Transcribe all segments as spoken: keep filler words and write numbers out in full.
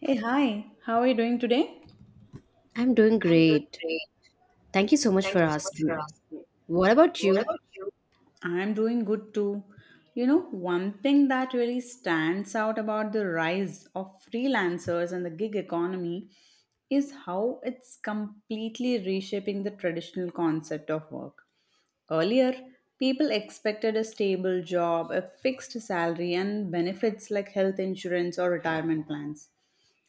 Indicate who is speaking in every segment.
Speaker 1: Hey, hi, how are you doing today?
Speaker 2: I'm doing great. Thank you so much for asking. What about you?
Speaker 1: I'm doing good too. You know, one thing that really stands out about the rise of freelancers and the gig economy is how it's completely reshaping the traditional concept of work. Earlier, people expected a stable job, a fixed salary, and benefits like health insurance or retirement plans.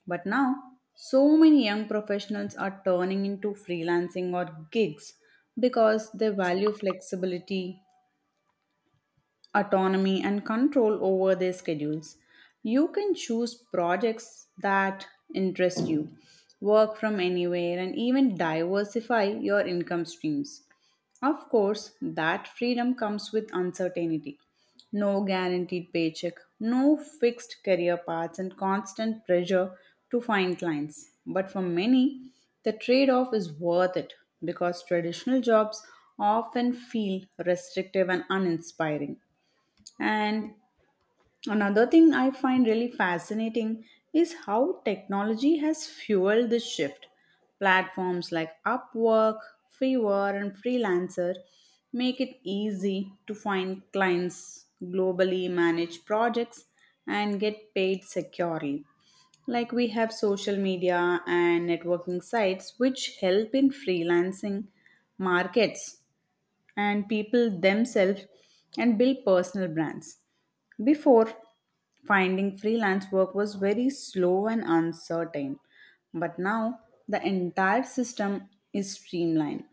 Speaker 1: But now, so many young professionals are turning into freelancing or gigs because they value flexibility, autonomy and control over their schedules. You can choose projects that interest you, work from anywhere, and even diversify your income streams. Of course, that freedom comes with uncertainty. No guaranteed paycheck, no fixed career paths, and constant pressure to find clients. But for many, the trade off is worth it because traditional jobs often feel restrictive and uninspiring. And another thing I find really fascinating is how technology has fueled this shift. Platforms like Upwork, Fiverr, and Freelancer make it easy to find clients, globally manage projects, and get paid securely. Like we have social media and networking sites which help in freelancing markets and people themselves and build personal brands. Before, finding freelance work was very slow and uncertain, but now the entire system is streamlined.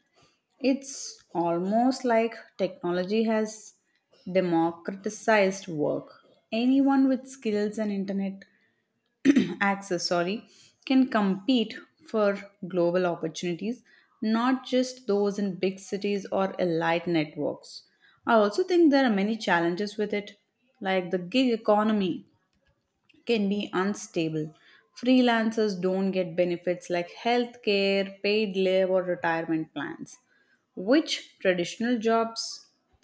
Speaker 1: It's almost like technology has democratized work. Anyone with skills and internet access, sorry, can compete for global opportunities, not just those in big cities or elite networks. I also think there are many challenges with it, like the gig economy can be unstable. Freelancers don't get benefits like healthcare, paid leave, or retirement plans, which traditional jobs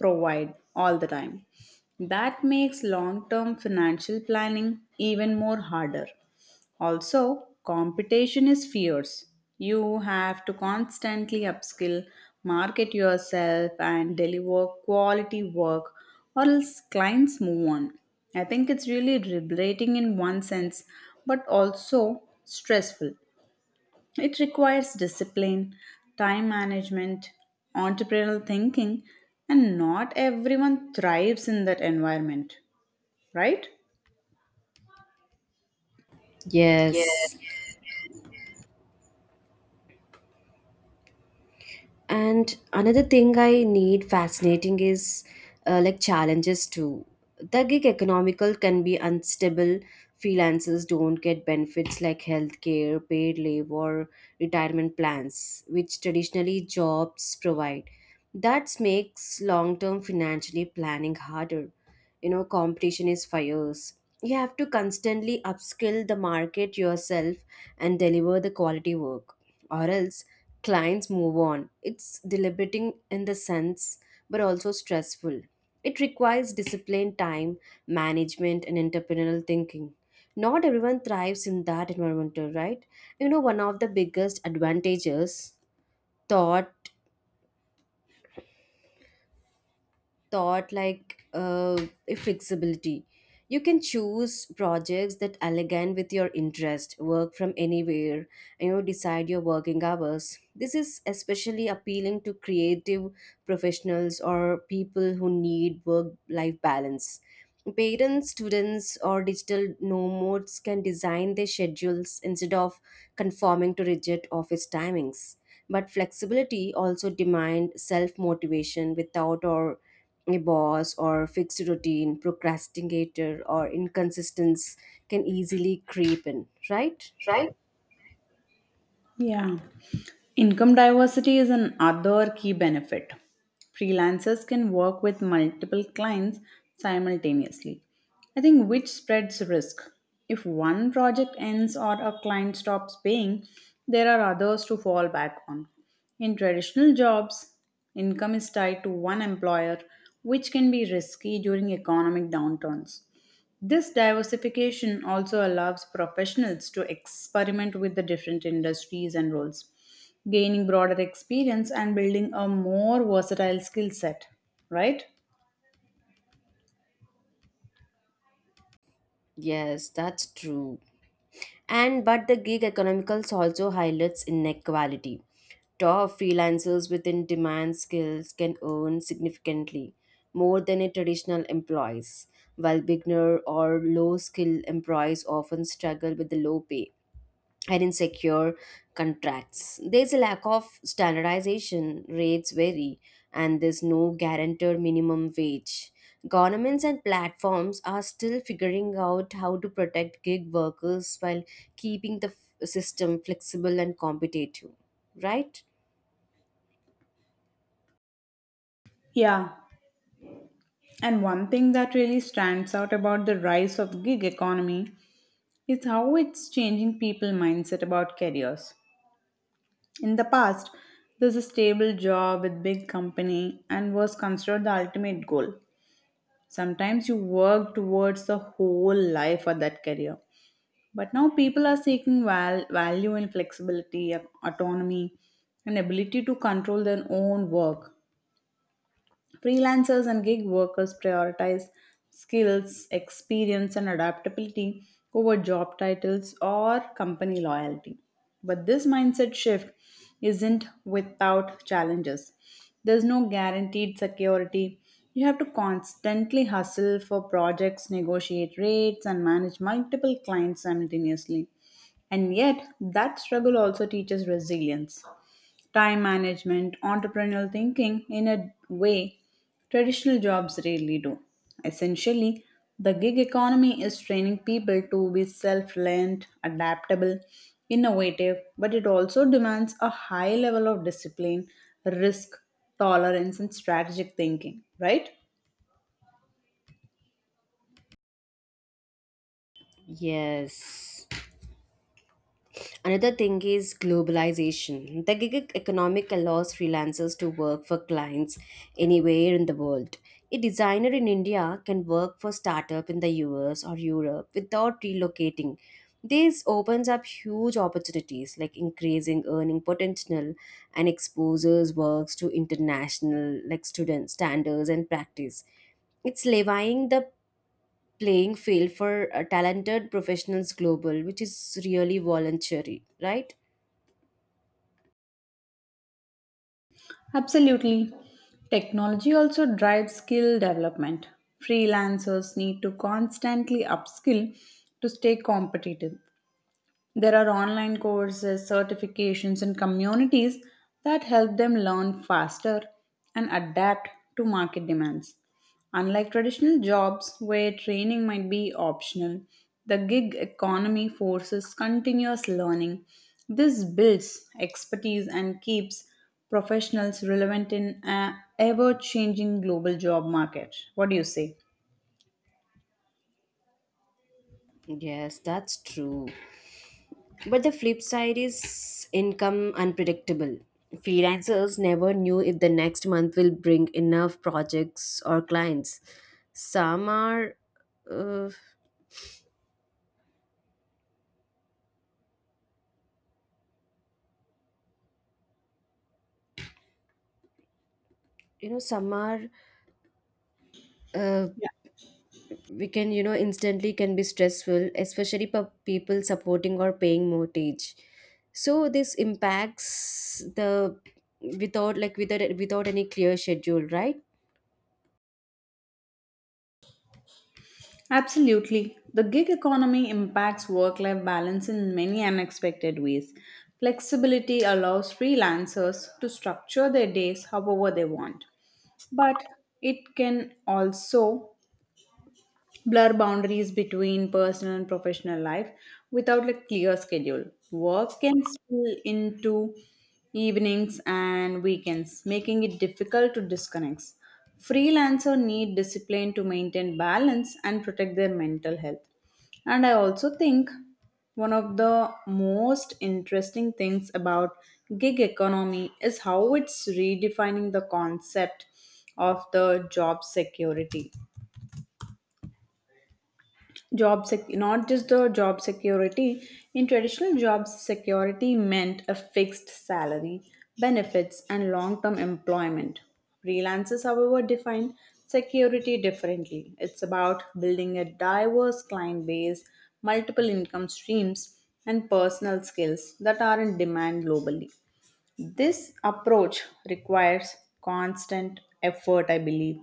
Speaker 1: provide all the time. That makes long term financial planning even more harder. Also, competition is fierce. You have to constantly upskill, market yourself, and deliver quality work, or else clients move on. I think it's really liberating in one sense, but also stressful. It requires discipline, time management, entrepreneurial thinking, and not everyone thrives in that environment, right?
Speaker 2: Yes. And another thing I need fascinating is uh, like challenges too. The gig economical can be unstable. Freelancers don't get benefits like healthcare, paid leave, or retirement plans, which traditionally jobs provide. That makes long term financially planning harder. You know, competition is fierce. You have to constantly upskill the market yourself and deliver the quality work, or else clients move on. It's deliberating in the sense, but also stressful. It requires discipline, time, management, and entrepreneurial thinking. Not everyone thrives in that environment, right? You know, one of the biggest advantages thought Thought like uh, flexibility, you can choose projects that align with your interest, work from anywhere, and you know, decide your working hours. This is especially appealing to creative professionals or people who need work life balance. Parents, students, or digital nomads can design their schedules instead of conforming to rigid office timings. But flexibility also demands self motivation. Without or a boss or fixed routine, procrastinator or inconsistence can easily creep in, right?
Speaker 1: Yeah. Income diversity is another key benefit. Freelancers can work with multiple clients simultaneously, I think, which spreads risk. If one project ends or a client stops paying, there are others to fall back on. In traditional jobs, income is tied to one employer, which can be risky during economic downturns. This diversification also allows professionals to experiment with the different industries and roles, gaining broader experience and building a more versatile skill set, right?
Speaker 2: Yes, that's true. And but the gig economicals also highlights inequality. Top freelancers with in demand skills can earn significantly more than a traditional employees, while beginner or low skill employees often struggle with the low pay and insecure contracts. There's a lack of standardization, rates vary, and there's no guaranteed minimum wage. Governments and platforms are still figuring out how to protect gig workers while keeping the f- system flexible and competitive, right?
Speaker 1: Yeah. And one thing that really stands out about the rise of gig economy is how it's changing people mindset about careers. In the past, there's a stable job with big company and was considered the ultimate goal. Sometimes you work towards the whole life for that career. But now people are seeking val- value in flexibility, autonomy, and ability to control their own work. Freelancers and gig workers prioritize skills, experience, and adaptability over job titles or company loyalty. But this mindset shift isn't without challenges. There's no guaranteed security. You have to constantly hustle for projects, negotiate rates, and manage multiple clients simultaneously. And yet, that struggle also teaches resilience, time management, entrepreneurial thinking in a way traditional jobs rarely do. Essentially, the gig economy is training people to be self reliant, adaptable, innovative, but it also demands a high level of discipline, risk tolerance, and strategic thinking, right?
Speaker 2: Yes. Another thing is globalization. The gig economic allows freelancers to work for clients anywhere in the world. A designer in India can work for startup in the U S or Europe without relocating. This opens up huge opportunities like increasing earning potential and exposes works to international like students standards and practice. It's levying the playing field for uh, talented professionals global, which is really voluntary, right?
Speaker 1: Absolutely. Technology also drives skill development. Freelancers need to constantly upskill to stay competitive. There are online courses, certifications, and communities that help them learn faster and adapt to market demands. Unlike traditional jobs where training might be optional, the gig economy forces continuous learning. This builds expertise and keeps professionals relevant in an ever changing global job market. What do you say?
Speaker 2: Yes, that's true. But the flip side is income unpredictable. Freelancers never knew if the next month will bring enough projects or clients. Some are, uh, you know, some are uh, we can, you know, instantly can be stressful, especially for people supporting or paying mortgage. So this impacts the, without, like, without without any clear schedule, right?
Speaker 1: Absolutely. The gig economy impacts work life balance in many unexpected ways. Flexibility allows freelancers to structure their days however they want, but it can also blur boundaries between personal and professional life. Without like clear schedule, work can spill into evenings and weekends, making it difficult to disconnect. Freelancer need discipline to maintain balance and protect their mental health. And I also think one of the most interesting things about gig economy is how it's redefining the concept of the job security. Job sec- not just the job security. In traditional jobs, security meant a fixed salary, benefits and long-term employment. Freelancers, however, define security differently. It's about building a diverse client base, multiple income streams, and personal skills that are in demand globally. This approach requires constant effort, I believe.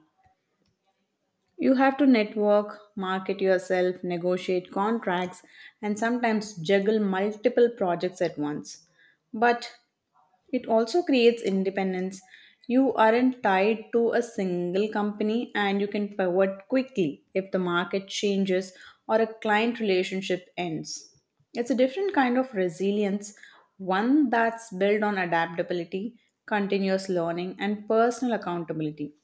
Speaker 1: You have to network, market yourself, negotiate contracts, and sometimes juggle multiple projects at once. But it also creates independence. You aren't tied to a single company and you can pivot quickly if the market changes or a client relationship ends. It's a different kind of resilience, one that's built on adaptability, continuous learning, and personal accountability.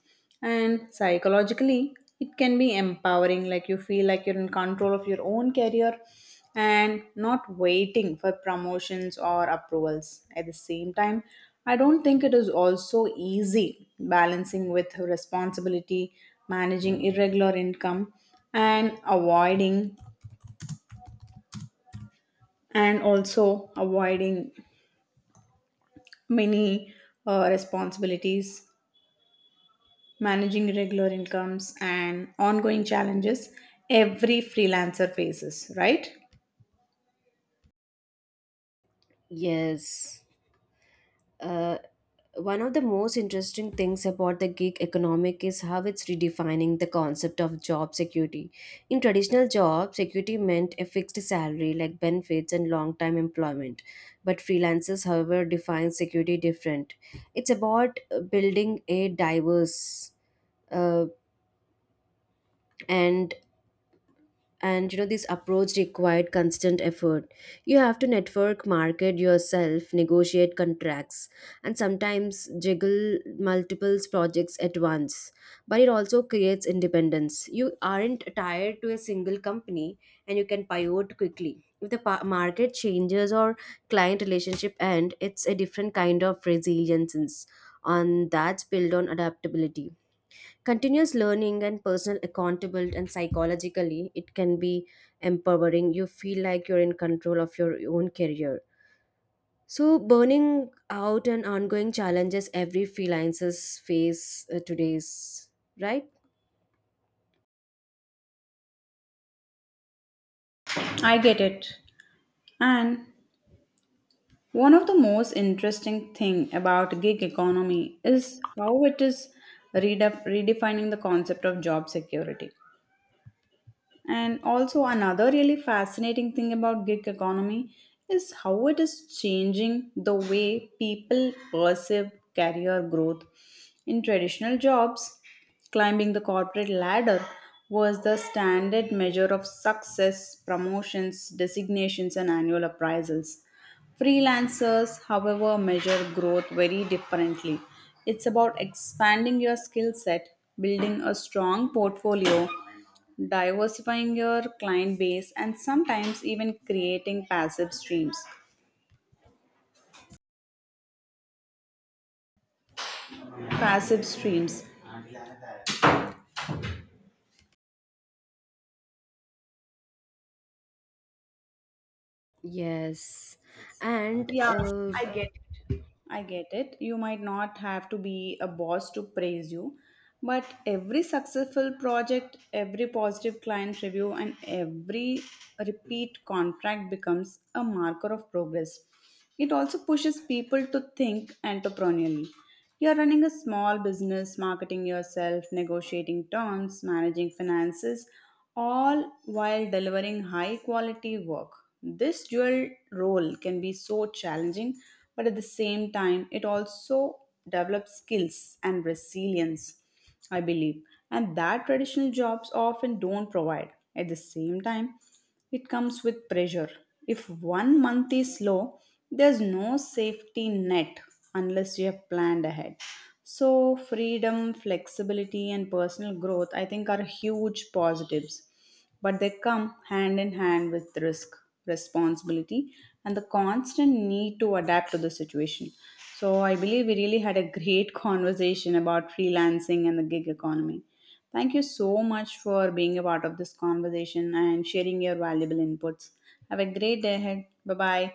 Speaker 1: And psychologically, it can be empowering, like you feel like you're in control of your own career and not waiting for promotions or approvals. At the same time, I don't think it is also easy balancing with responsibility, managing irregular income, and avoiding and also avoiding many uh, responsibilities, managing irregular incomes, and ongoing challenges every freelancer faces, right?
Speaker 2: Yes. uh, One of the most interesting things about the gig economic is how it's redefining the concept of job security. In traditional jobs, security meant a fixed salary like benefits and long-time employment. But freelancers, however, define security different. It's about uh, building a diverse, uh, and and you know, this approach required constant effort. You have to network, market yourself, negotiate contracts, and sometimes juggle multiple projects at once. But it also creates independence. You aren't tied to a single company and you can pivot quickly if the pa- market changes or client relationship end. It's a different kind of resilience, on that's built on adaptability, continuous learning, and personal accountable. And psychologically, it can be empowering. You feel like you're in control of your own career. So burning out and ongoing challenges every freelancers face uh, today's, right?
Speaker 1: I get it. And one of the most interesting thing about gig economy is how it is redef- redefining the concept of job security. And also another really fascinating thing about gig economy is how it is changing the way people perceive career growth. In traditional jobs, climbing the corporate ladder was the standard measure of success, promotions, designations, and annual appraisals. Freelancers, however, measure growth very differently. It's about expanding your skill set, building a strong portfolio, diversifying your client base and sometimes even creating passive streams. passive streams
Speaker 2: Yes, and
Speaker 1: yeah,
Speaker 2: uh,
Speaker 1: i get it i get it You might not have to be a boss to praise you, but every successful project, every positive client review, and every repeat contract becomes a marker of progress. It also pushes people to think entrepreneurially. You're running a small business, marketing yourself, negotiating terms, managing finances, all while delivering high quality work. This dual role can be so challenging, but at the same time, it also develops skills and resilience, I believe, and that traditional jobs often don't provide. At the same time, it comes with pressure. If one month is slow, there's no safety net unless you have planned ahead. So, freedom, flexibility, and personal growth, I think, are huge positives, but they come hand in hand with risk, responsibility, and the constant need to adapt to the situation. So, I believe we really had a great conversation about freelancing and the gig economy. Thank you so much for being a part of this conversation and sharing your valuable inputs. Have a great day ahead. Bye bye.